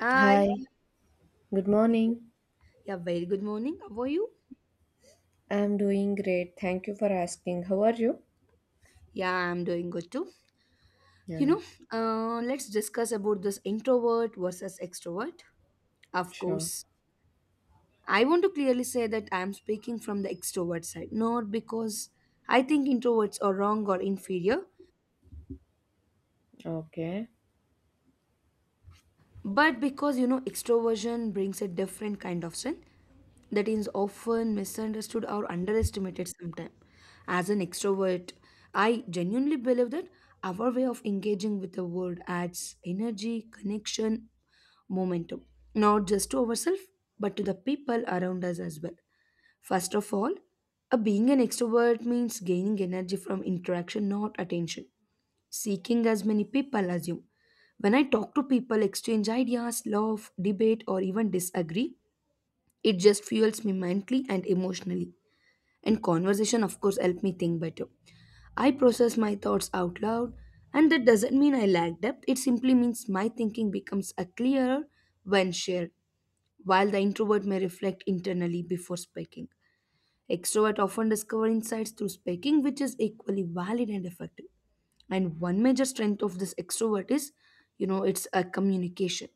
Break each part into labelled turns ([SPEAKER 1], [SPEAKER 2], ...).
[SPEAKER 1] Hi.
[SPEAKER 2] Hi, good morning.
[SPEAKER 1] Yeah, very good morning. How are you?
[SPEAKER 2] I'm doing great. Thank you for asking. How are you?
[SPEAKER 1] Yeah, I'm doing good too. You
[SPEAKER 2] Yeah,
[SPEAKER 1] know, let's discuss about this introvert versus extrovert. Of
[SPEAKER 2] sure.
[SPEAKER 1] course, I want to clearly say that I'm speaking from the extrovert side, not because I think introverts are wrong or inferior,
[SPEAKER 2] Okay.
[SPEAKER 1] but because you know extroversion brings a different kind of strength that is often misunderstood or underestimated sometimes. As an extrovert, I genuinely believe that our way of engaging with the world adds energy, connection, momentum, not just to ourselves, but to the people around us as well. First of all, being an extrovert means gaining energy from interaction, not attention seeking as many people assume. When I talk to people, exchange ideas, laugh, debate, or even disagree, it just fuels me mentally and emotionally. And conversation, of course, help me think better. I process my thoughts out loud, and that doesn't mean I lack depth. It simply means my thinking becomes a clearer when shared while the introvert may reflect internally before speaking. Extrovert often discover insights through speaking, which is equally valid and effective. And one major strength of this extrovert is, you know, it's a communication.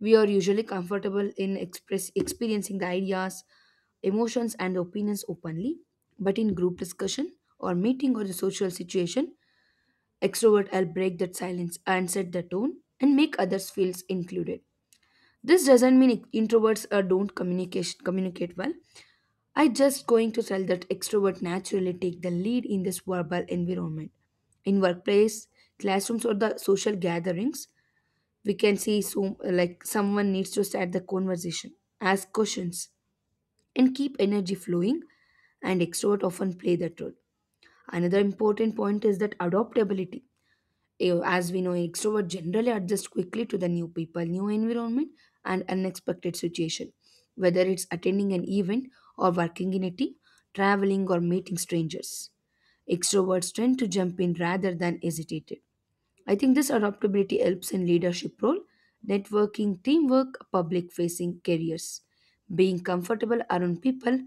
[SPEAKER 1] We are usually comfortable in express experiencing the ideas, emotions, and opinions openly, but in group discussion or meeting or the social situation, extrovert will break that silence and set the tone and make others feel included. This doesn't mean introverts don't communicate well. I just going to tell that extrovert naturally take the lead in this verbal environment. In workplace, classrooms or the social gatherings, we can see so like someone needs to start the conversation, ask questions, and keep energy flowing and extrovert often play that role. Another important point is that adaptability. As we know, extrovert generally adjust quickly to the new people, new environment, and unexpected situation. Whether it's attending an event or working in a team, traveling or meeting strangers, extroverts tend to jump in rather than hesitate. I think this adaptability helps in leadership role, networking, teamwork, public facing careers. Being comfortable around people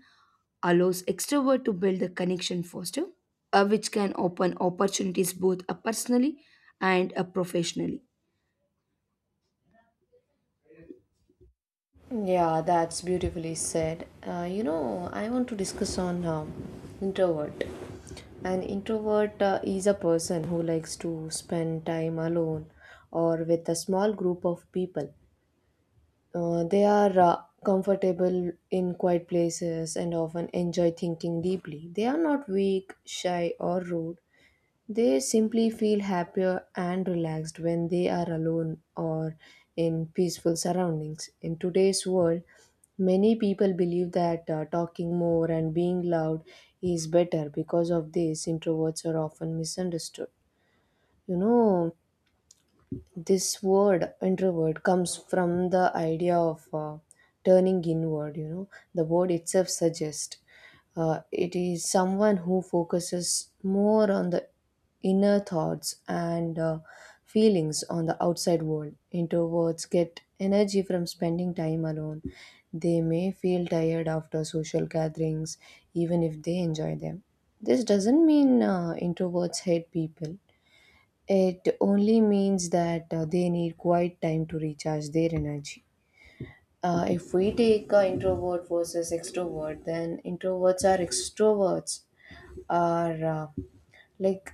[SPEAKER 1] allows extrovert to build the connection faster, which can open opportunities both personally and professionally.
[SPEAKER 2] Yeah, that's beautifully said. I want to discuss on introvert. An introvert is a person who likes to spend time alone or with a small group of people. They are comfortable in quiet places and often enjoy thinking deeply. They are not weak, shy, or rude. They simply feel happier and relaxed when they are alone or in peaceful surroundings. In today's world, many people believe that talking more and being loud is better. Because of this, introverts are often misunderstood. You know, this word introvert comes from the idea of turning inward. The word itself suggests it is someone who focuses more on the inner thoughts and feelings on the outside world. Introverts get energy from spending time alone. They may feel tired after social gatherings even if they enjoy them. This doesn't mean introverts hate people. It only means that they need quite time to recharge their energy. If we take introvert versus extrovert, then introverts are extroverts are like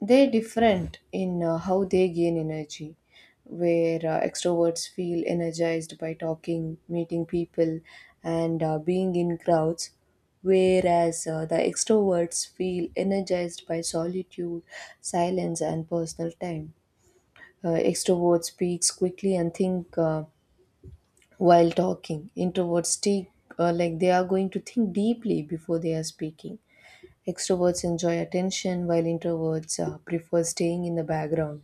[SPEAKER 2] they're different in how they gain energy. Where extroverts feel energized by talking, meeting people, and being in crowds, whereas the extroverts feel energized by solitude, silence, and personal time. Extroverts speaks quickly and think while talking. Introverts take they are going to think deeply before they are speaking. Extroverts enjoy attention while introverts prefer staying in the background.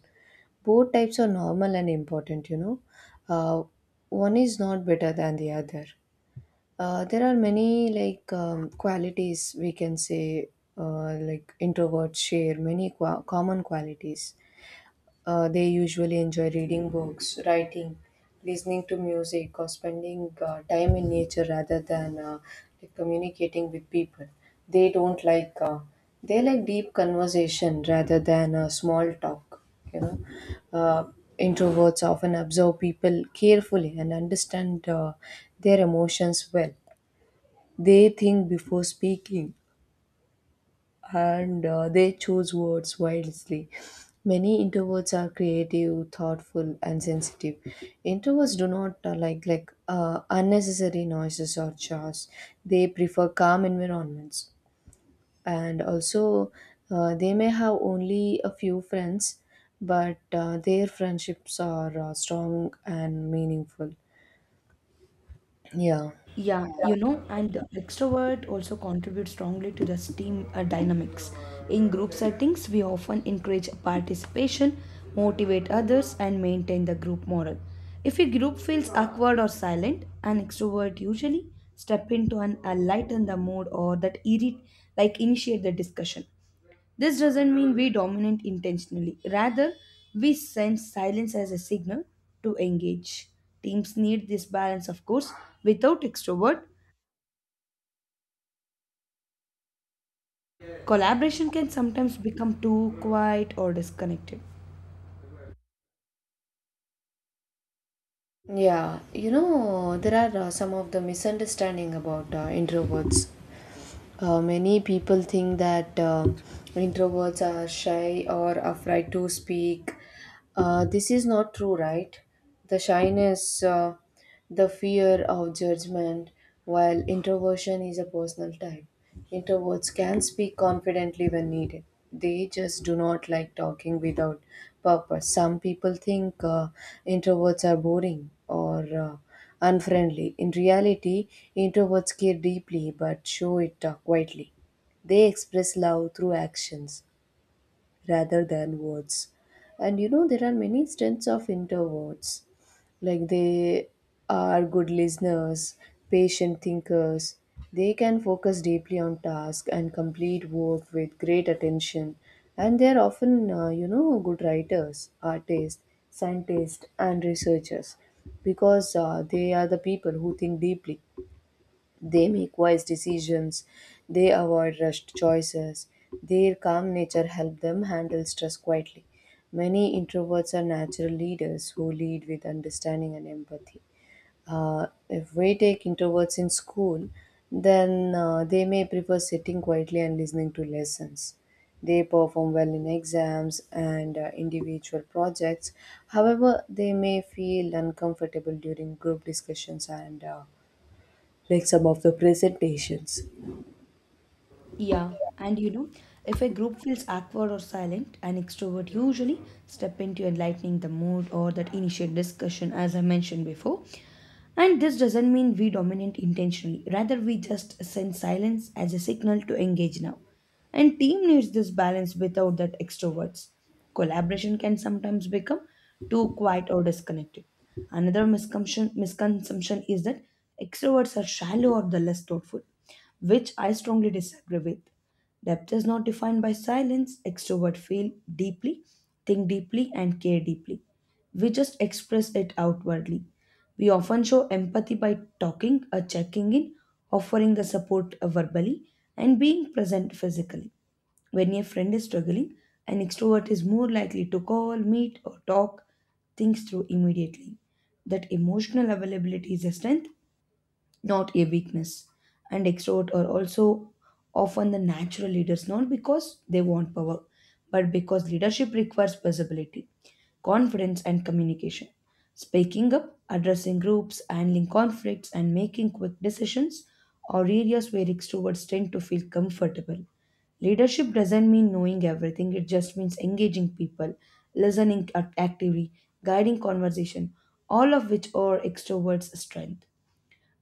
[SPEAKER 2] Both types are normal and important, you know. Uh, One is not better than the other. There are many like qualities we can say. Introverts share many qua common qualities. They usually enjoy reading books, writing, listening to music, or spending time in nature rather than communicating with people. They don't like they like deep conversation rather than small talk. You know, uh, introverts often observe people carefully and understand their emotions well. They think before speaking, and they choose words wisely. Many introverts are creative, thoughtful, and sensitive. Introverts do not like unnecessary noises or chores. They prefer calm environments, and also they may have only a few friends, but their friendships are strong and meaningful. Yeah.
[SPEAKER 1] Yeah, you know, and the extrovert also contributes strongly to the team dynamics. In group settings, we often encourage participation, motivate others, and maintain the group morale. If a group feels awkward or silent, an extrovert usually step into and lighten the mood or that irrit- like initiate the discussion. This doesn't mean we dominate intentionally. Rather, we sense silence as a signal to engage. Teams need this balance, of course. Without extrovert, collaboration can sometimes become too quiet or disconnected.
[SPEAKER 2] Yeah, you know, there are some of the misunderstanding about introverts. Many people think that introverts are shy or afraid to speak. This is not true, right? The shyness, the fear of judgment, while introversion is a personal type. Introverts can speak confidently when needed. They just do not like talking without purpose. Some people think introverts are boring or unfriendly. In reality, introverts care deeply but show it quietly. They express love through actions rather than words. And you know, there are many strengths of introverts. Like they are good listeners, patient thinkers. They can focus deeply on task and complete work with great attention. And they are often, you know, good writers, artists, scientists, and researchers because they are the people who think deeply. They make wise decisions, they avoid rushed choices. Their calm nature helps them handle stress quietly. Many introverts are natural leaders who lead with understanding and empathy. If we take introverts in school, then they may prefer sitting quietly and listening to lessons. They perform well in exams and individual projects. However, they may feel uncomfortable during group discussions and some of the presentations.
[SPEAKER 1] Yeah, and you know, if a group feels awkward or silent, an extrovert usually step into enlightening the mood or that initiate discussion, as I mentioned before. And this doesn't mean we dominate intentionally, rather, we just send silence as a signal to engage now. And team needs this balance without that extroverts. Collaboration can sometimes become too quiet or disconnected. Another misconception is that extroverts are shallow or the less thoughtful, which I strongly disagree with. Depth is not defined by silence. Extrovert feel deeply, think deeply, and care deeply. We just express it outwardly. We often show empathy by talking or checking in, offering the support verbally, and being present physically. When a friend is struggling, an extrovert is more likely to call, meet, or talk things through immediately. That emotional availability is a strength not a weakness. And extrovert are also often the natural leaders, not because they want power, but because leadership requires visibility, confidence, and communication. Speaking up, addressing groups, handling conflicts, and making quick decisions are areas where extroverts tend to feel comfortable. Leadership doesn't mean knowing everything, it just means engaging people, listening actively, guiding conversation, all of which are extroverts' strength.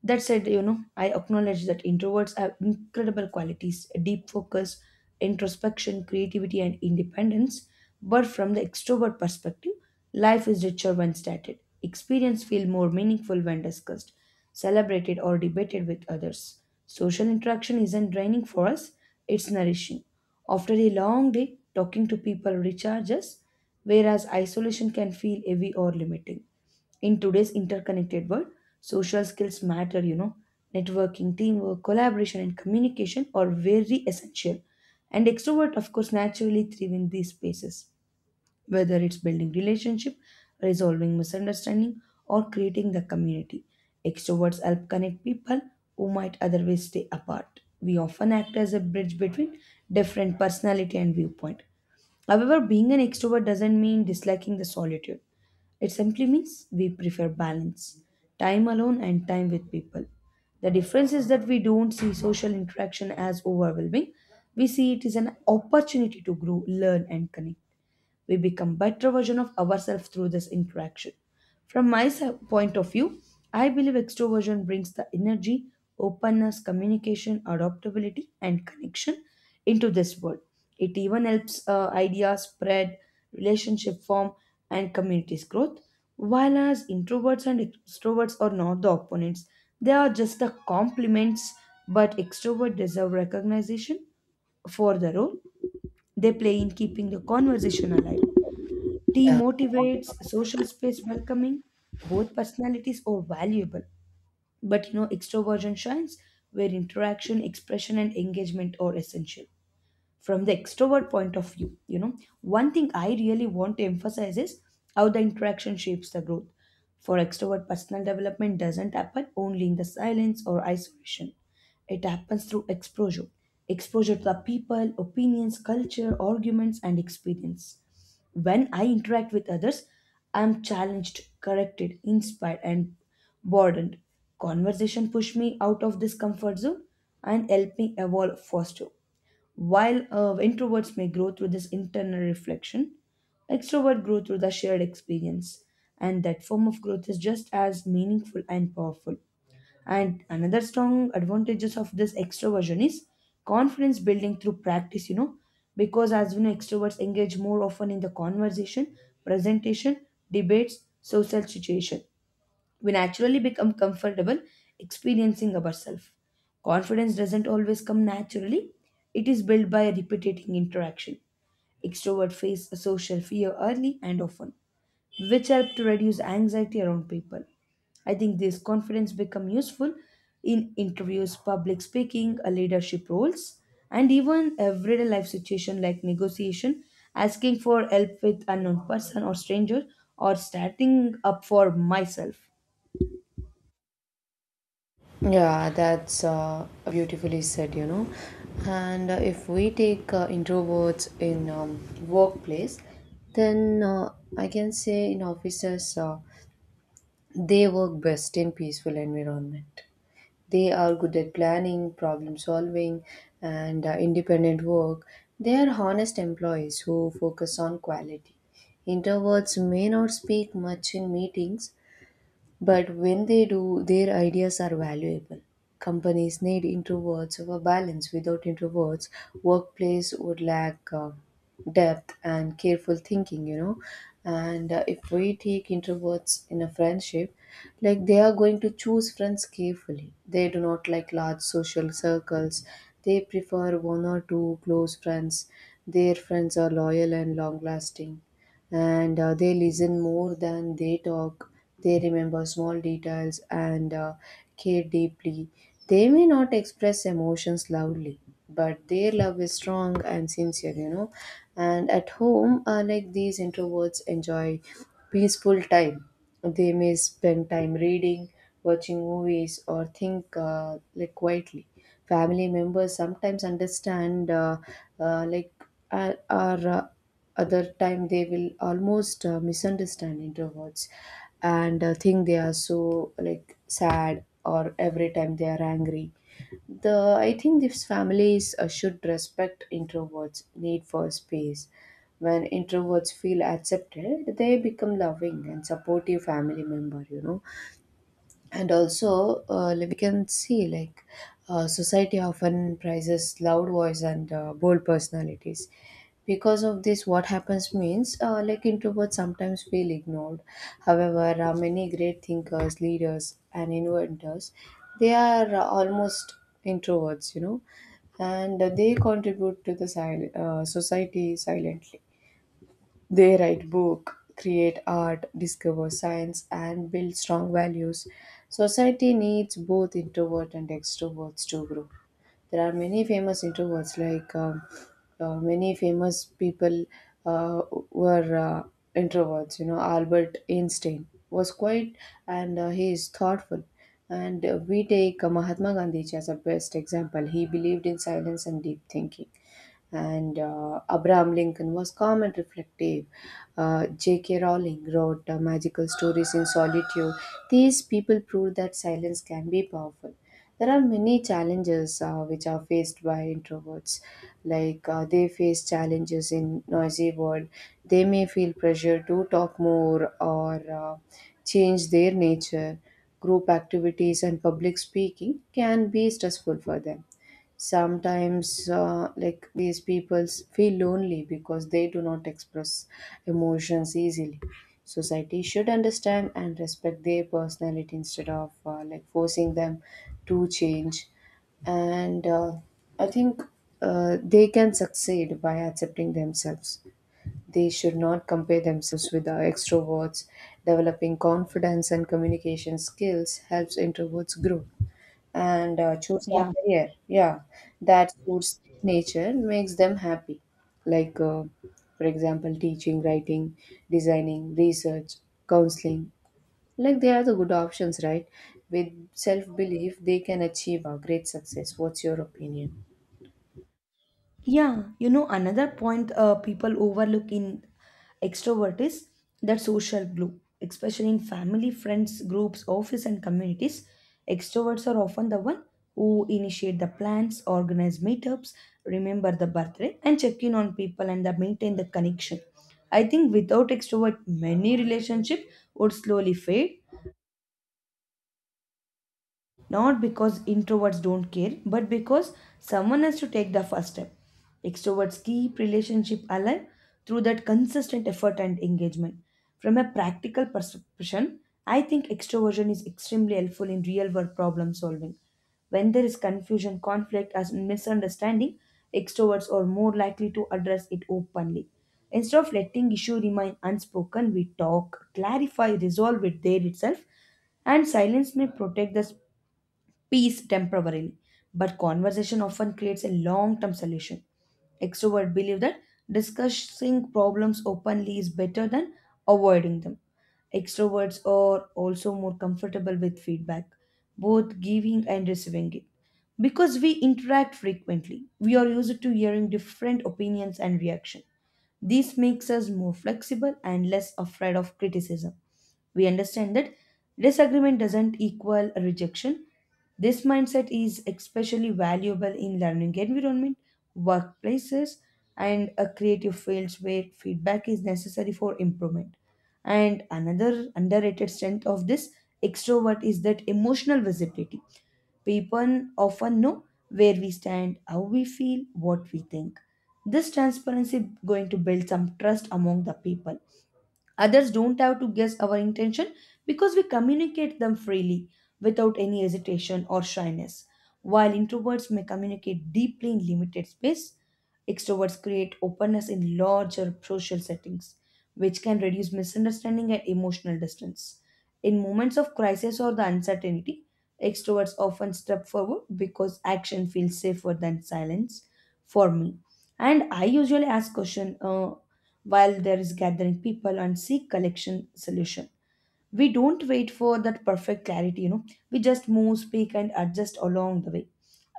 [SPEAKER 1] That said, you know, I acknowledge that introverts have incredible qualities deep focus, introspection, creativity, and independence. But from the extrovert perspective, life is richer when stated. Experience feel more meaningful when discussed, celebrated, or debated with others. Social interaction isn't draining for us, it's nourishing. After a long day, talking to people recharges, whereas isolation can feel heavy or limiting. In today's interconnected world, social skills matter, you know. Networking, teamwork, collaboration, and communication are very essential. And extrovert, of course, naturally thrive in these spaces whether it's building relationship, resolving misunderstanding, or creating the community. Extroverts help connect people who might otherwise stay apart. We often act as a bridge between different personality and viewpoint. However, being an extrovert doesn't mean disliking the solitude. It simply means we prefer balance, time alone and time with people. The difference is that we don't see social interaction as overwhelming. We see it as an opportunity to grow, learn, and connect. We become better version of ourselves through this interaction. From my s- Point of view, I believe extroversion brings the energy, openness, communication, adaptability, and connection into this world. It even helps ideas spread, relationship form, and communities growth. While as introverts and extroverts are not the opponents, they are just the complements. But extroverts deserve recognition for the role they play in keeping the conversation alive. Tea
[SPEAKER 2] Yeah,
[SPEAKER 1] motivates, social space welcoming, both personalities are valuable. But you know, extroversion shines where interaction, expression, and engagement are essential from the extrovert point of view. You know, one thing I really want to emphasize is how the interaction shapes the growth for extrovert personal development doesn't happen only in the silence or isolation. It happens through exposure, exposure to the people opinions culture arguments and experience. When I interact with others, I am challenged corrected inspired and broadened. Conversation push me out of this comfort zone and help me evolve faster while introverts may grow through this internal reflection, extroverts grow through the shared experience, and that form of growth is just as meaningful and powerful. And another strong advantages of this extroversion is confidence building through practice, you know, because as you know, extroverts engage more often in the conversation, presentation, debates, social situation we naturally become comfortable experiencing ourselves. Confidence doesn't always come naturally, it is built by repeating interaction. Extrovert face a social fear early and often, which help to reduce anxiety around people. I think this confidence become useful in interviews, public speaking, leadership roles, and even everyday life situation like negotiation, asking for help with unknown person or stranger, or starting up for myself.
[SPEAKER 2] yeah, that's beautifully said, you know. And if we take introverts in workplace, then I can say in offices they work best in peaceful environment. They are good at planning, problem solving, and independent work. They are honest employees who focus on quality. Introverts may not speak much in meetings, but when they do, their ideas are valuable. Companies need introverts for balance. Without introverts, workplace would lack depth and careful thinking, you know. And if we take introverts in a friendship, like they are going to choose friends carefully. They do not like large social circles. They prefer one or two close friends. Their friends are loyal and long lasting, and they listen more than they talk. They remember small details and care deeply. They may not express emotions loudly, but their love is strong and sincere, you know. And at home, these introverts enjoy peaceful time. They may spend time reading, watching movies, or think quietly. Family members sometimes understand like or other time they will almost misunderstand introverts and think they are so like sad or every time they are angry. The I think these families should respect introverts need for space. When introverts feel accepted, they become loving and supportive family member, you know. And also we can see society often prizes loud voice and bold personalities. Because of this, what happens means introverts sometimes feel ignored. However, many great thinkers, leaders and inventors, they are almost introverts, you know. And they contribute to the society silently. They write book, create art, discover science and build strong values. Society needs both introvert and extroverts to grow. There are many famous introverts like many famous people uh, were introverts. You know, Albert Einstein was quiet and he is thoughtful. And we take Mahatma Gandhi as a best example. He believed in silence and deep thinking, and Abraham Lincoln was calm and reflective. J.K. Rowling wrote magical stories in solitude. These people prove that silence can be powerful. There are many challenges which are faced by introverts. They face challenges in noisy world. They may feel pressure to talk more or change their nature. Group activities and public speaking can be stressful for them. Sometimes these people feel lonely because they do not express emotions easily. Society should understand and respect their personality instead of forcing them to change. And I think they can succeed by accepting themselves. They should not compare themselves with the extroverts. Developing confidence and communication skills helps introverts grow and choose a
[SPEAKER 1] Yeah.
[SPEAKER 2] career. Yeah that suits nature makes them happy. like uh, for example, teaching, writing, designing, research, counseling, they are the good options, right? With self belief, they can achieve a great success. What's your opinion?
[SPEAKER 1] Yeah, you know, another point people overlook in extrovert is that social glue, especially in family, friends, groups, office, and communities. Extroverts are often the one who initiate the plans, organize meetups, remember the birthday, and check in on people and the maintain the connection. I think without extrovert, many relationship would slowly fade not because introverts don't care but because someone has to take the first step. Extroverts keep relationship alive through that consistent effort and engagement. From a practical perception, I think extroversion is extremely helpful in real world problem solving. When there is confusion conflict as misunderstanding, extroverts are more likely to address it openly instead of letting issue remain unspoken. We talk clarify resolve it there itself, and silence may protect the peace temporarily, but conversation often creates a long term solution. Extroverts believe that discussing problems openly is better than avoiding them. Extroverts are also more comfortable with feedback, both giving and receiving it. Because we interact frequently, we are used to hearing different opinions and reactions. This makes us more flexible and less afraid of criticism. We understand that disagreement doesn't equal rejection. This mindset is especially valuable in learning environment, workplaces, and a creative fields where feedback is necessary for improvement. And another underrated strength of this extrovert is that emotional visibility. People often know where we stand, how we feel, what we think. This transparency going to build some trust among the people. Others don't have to guess our intention because we communicate them freely without any hesitation or shyness. While introverts may communicate deeply in limited space, extroverts create openness in larger social settings, which can reduce misunderstanding and emotional distance. In moments of crisis or the uncertainty, extroverts often step forward because action feels safer than silence for me. And I usually ask question, while there is gathering people and seek collection solution. We don't wait for that perfect clarity, you know, we just move speak and adjust along the way.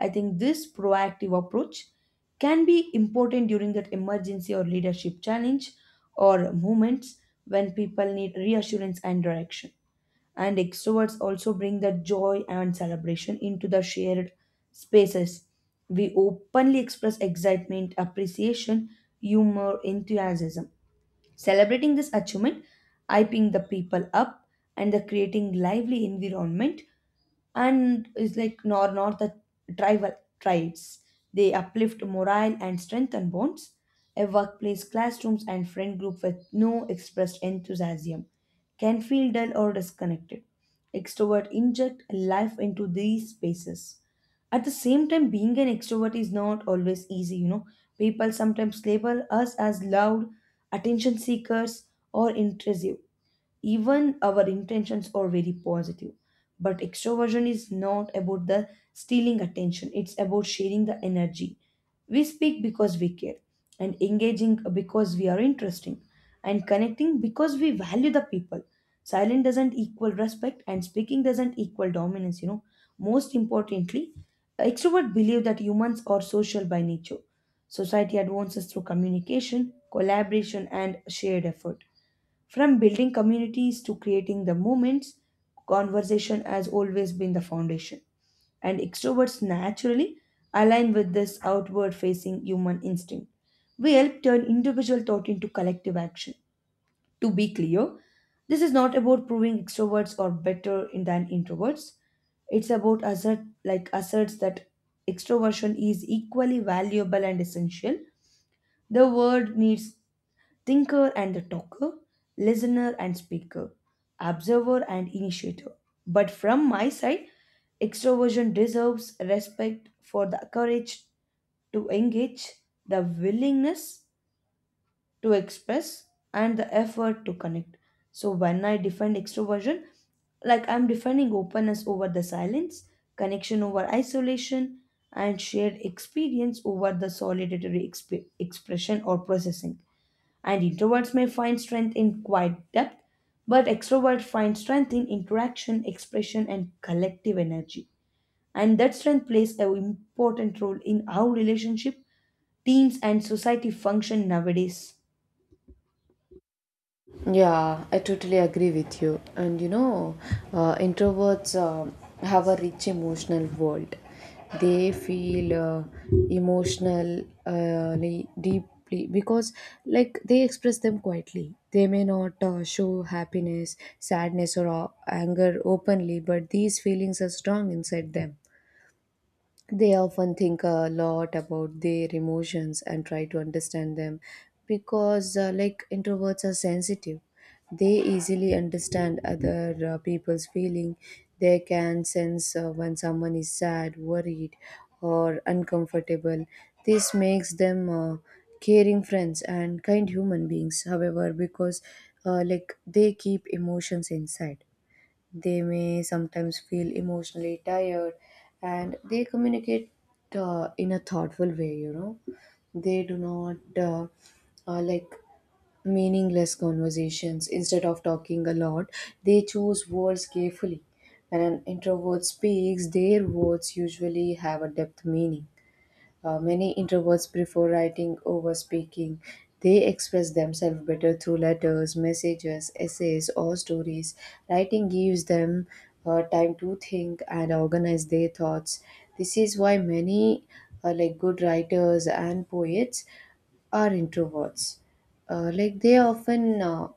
[SPEAKER 1] I think this proactive approach can be important during that emergency or leadership challenge or moments when people need reassurance and direction. And extroverts also bring that joy and celebration into the shared spaces. We openly express excitement appreciation humor enthusiasm. Celebrating this achievement, I ping the people up and the creating lively environment and is like nor nor the tribal tribes. They uplift morale and strengthen bonds. A workplace, classrooms, and friend group with no expressed enthusiasm can feel dull or disconnected. Extrovert inject life into these spaces. At the same time, being an extrovert is not always easy, People sometimes label us as loud, attention seekers, or intrusive, even our intentions are very positive. But extroversion is not about the stealing attention, it's about sharing the energy. We speak because we care, and engaging because we are interesting, and connecting because we value the people. Silent doesn't equal respect, and speaking doesn't equal dominance. Most importantly, extroverts believe that humans are social by nature. Society advances through communication, collaboration, and shared effort. From building communities to creating the movements, conversation has always been the foundation. And extroverts naturally align with this outward facing human instinct. We help turn individual thought into collective action. To be clear, this is not about proving extroverts are better than introverts. It's about asserts that extroversion is equally valuable and essential. The world needs thinker and the talker, listener and speaker, observer and initiator. But from my side, extroversion deserves respect for the courage to engage, the willingness to express, and the effort to connect. So when I defend extroversion, like I'm defending openness over the silence, connection over isolation, and shared experience over the solitary expression or processing. And introverts may find strength in quiet depth, but extroverts find strength in interaction, expression, and collective energy. And that strength plays an important role in how relationship, teams, and society function nowadays.
[SPEAKER 2] Yeah, I totally agree with you. And you know, introverts have a rich emotional world. They feel deeply because, like, they express them quietly. They may not show happiness, sadness, or anger openly, but these feelings are strong inside them. They often think a lot about their emotions and try to understand them because, like, introverts are sensitive. They easily understand other people's feeling. They can sense when someone is sad, worried, or uncomfortable. This makes them caring friends and kind human beings. However, because they keep emotions inside. They may sometimes feel emotionally tired, and they communicate in a thoughtful way, you know. They do not uh, like meaningless conversations. Instead of talking a lot, they choose words carefully. When an introvert speaks, their words usually have a depth meaning. Many introverts prefer writing over speaking. They express themselves better through letters, messages, essays, or stories. Writing gives them time to think and organize their thoughts. This is why many good writers and poets are introverts. They often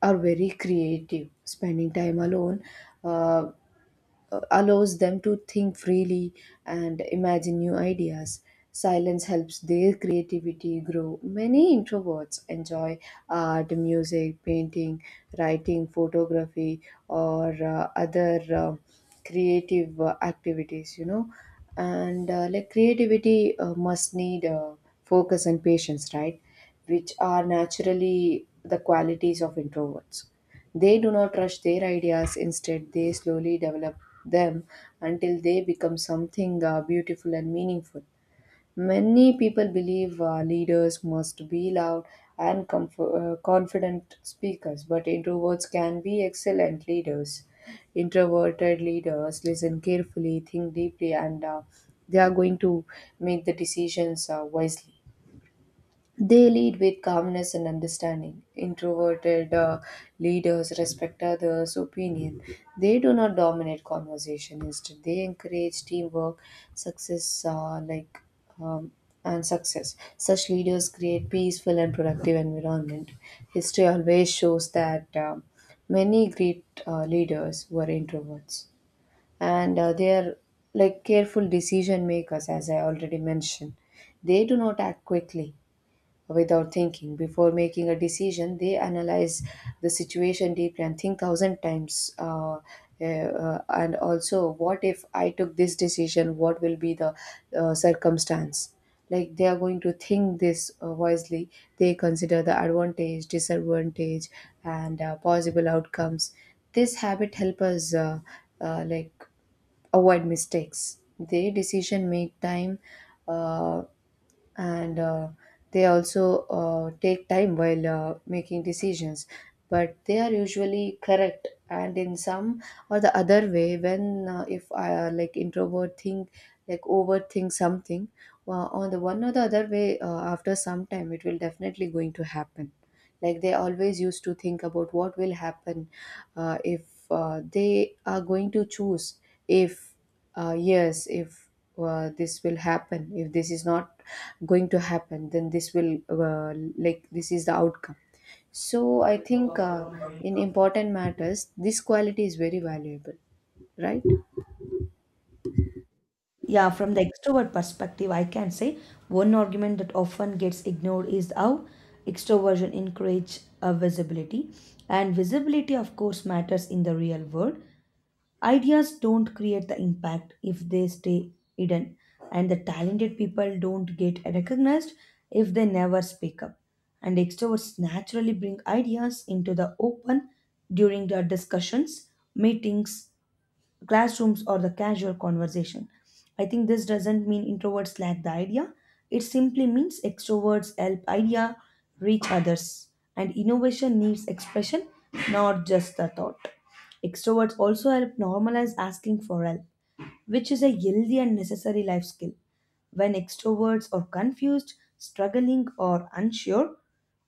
[SPEAKER 2] are very creative. Spending time alone uh, allows them to think freely and imagine new ideas. Silence helps their creativity grow. Many introverts enjoy art, music, painting, writing, photography, or other creative activities, you know. And creativity must need focus and patience, right? Which are naturally the qualities of introverts. They do not rush their ideas, instead, they slowly develop them until they become something beautiful and meaningful. Many people believe leaders must be loud and confident speakers, but introverts can be excellent leaders. Introverted leaders listen carefully, think deeply, and they are going to make the decisions wisely. They lead with calmness and understanding. Introverted leaders respect others' opinion. They do not dominate conversation. Instead, they encourage teamwork, success, like um, and success. Such leaders create peaceful and productive environment. History always shows that many great leaders were introverts, and they are careful decision makers, as I already mentioned. They do not act quickly without thinking. Before making a decision, they analyze the situation deeply and think thousand times. And also, what if I took this decision? What will be the circumstance? Like they are going to think this wisely. They consider the advantage, disadvantage, and possible outcomes. This habit help us uh, like avoid mistakes. They decision make time uh, and they also take time while making decisions, but they are usually correct. And in some or the other way, when if I introvert think overthink something on the one or the other way, after some time it will definitely going to happen. Like they always used to think about what will happen if they are going to choose. If yes, if this will happen, if this is not going to happen then this will uh, this is the outcome. So I think in important matters this quality is very valuable, right?
[SPEAKER 1] Yeah, from the extrovert perspective, I can say one argument that often gets ignored is how extroversion encourages visibility, and visibility, of course, matters in the real world. Ideas don't create the impact if they stay hidden, and the talented people don't get recognized if they never speak up. And extroverts naturally bring ideas into the open during their discussions, meetings, classrooms, or the casual conversation. I think this doesn't mean introverts lack the idea. It simply means extroverts help idea reach others, and innovation needs expression, not just the thought. Extroverts also help normalize asking for help, which is a healthy and necessary life skill. When extroverts are confused, struggling, or unsure,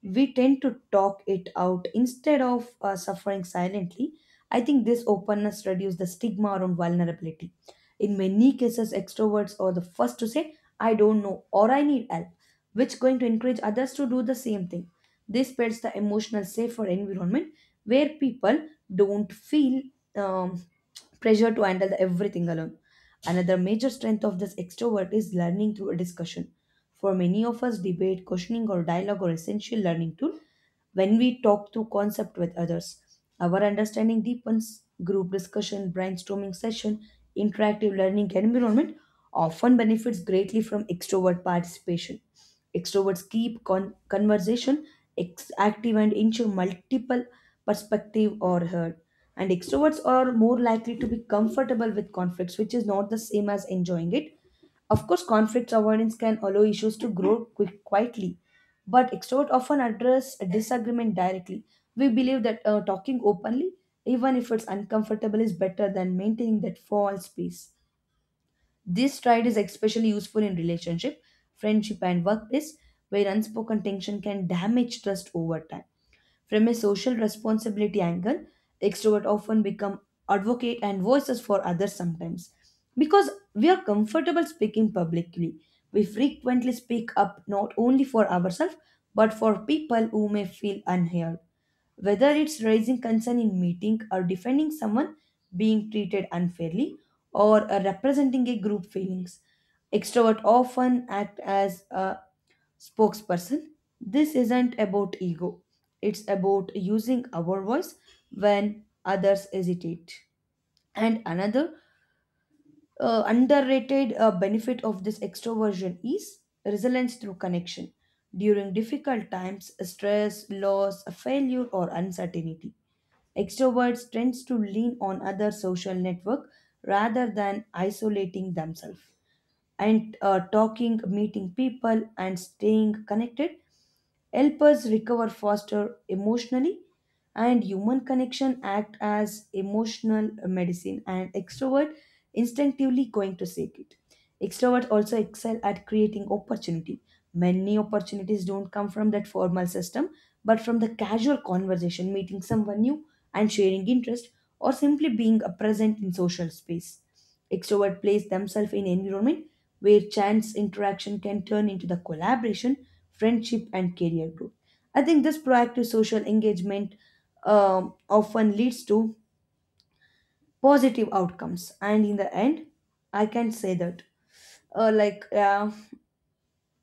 [SPEAKER 1] we tend to talk it out instead of suffering silently. I think this openness reduces the stigma around vulnerability. In many cases, extroverts are the first to say, I don't know, or I need help, which going to encourage others to do the same thing. This builds the emotional safer environment where people don't feel um, pressure to handle everything alone. Another major strength of this extrovert is learning through a discussion. For many of us, debate, questioning, or dialogue are essential learning tools. When we talk through concept with others, our understanding deepens. Group discussion, brainstorming session, interactive learning environment often benefits greatly from extrovert participation. Extroverts keep conversation active and ensure multiple perspective are heard. And extroverts are more likely to be comfortable with conflicts, which is not the same as enjoying it. Of course, conflict avoidance can allow issues to grow quietly, but extrovert often address a disagreement directly. We believe that talking openly, even if it's uncomfortable, is better than maintaining that false peace. This stride is especially useful in relationship, friendship, and workplace, where unspoken tension can damage trust over time. From a social responsibility angle, extroverts often become advocate and voices for others sometimes. Because we are comfortable speaking publicly, we frequently speak up not only for ourselves but for people who may feel unheard, whether it's raising concern in meeting, or defending someone being treated unfairly, or representing a group feelings. Extrovert often act as a spokesperson. This isn't about ego, it's about using our voice when others hesitate. And another underrated benefit of this extroversion is resilience through connection. During difficult times, stress, loss, failure, or uncertainty, extroverts tend to lean on other social network rather than isolating themselves. And talking, meeting people, and staying connected help us recover faster emotionally, and human connection act as emotional medicine, and extrovert instinctively going to seek it. Extroverts also excel at creating opportunity. Many opportunities don't come from that formal system, but from the casual conversation, meeting someone new and sharing interest, or simply being a present in social space. Extrovert place themselves in environment where chance interaction can turn into the collaboration, friendship, and career growth. I think this proactive social engagement often leads to positive outcomes. And in the end, I can say that, yeah.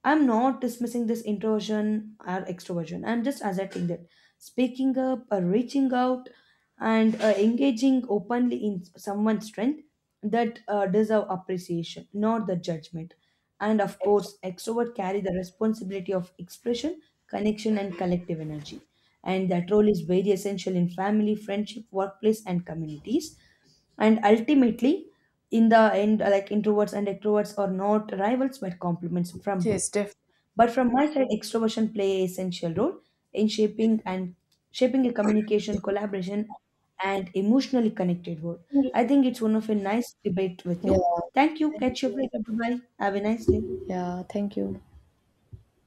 [SPEAKER 1] I'm not dismissing this introversion or extroversion. I'm just asserting that speaking up or reaching out and engaging openly in someone's strength, that deserve appreciation, not the judgment. And of course, extrovert carry the responsibility of expression, connection, and collective energy. And that role is very essential in family, friendship, workplace, and communities, and ultimately in the end, like introverts and extroverts are not rivals but complements from
[SPEAKER 2] Yes, definitely.
[SPEAKER 1] but from my side, extroversion play an essential role in shaping a communication, collaboration, and emotionally connected world. I think it's one of a nice debate with you.
[SPEAKER 2] yeah
[SPEAKER 1] Thank you.
[SPEAKER 2] Thank
[SPEAKER 1] Catch you up
[SPEAKER 2] you.
[SPEAKER 1] later. Bye bye. Have a nice day.
[SPEAKER 2] Yeah thank you.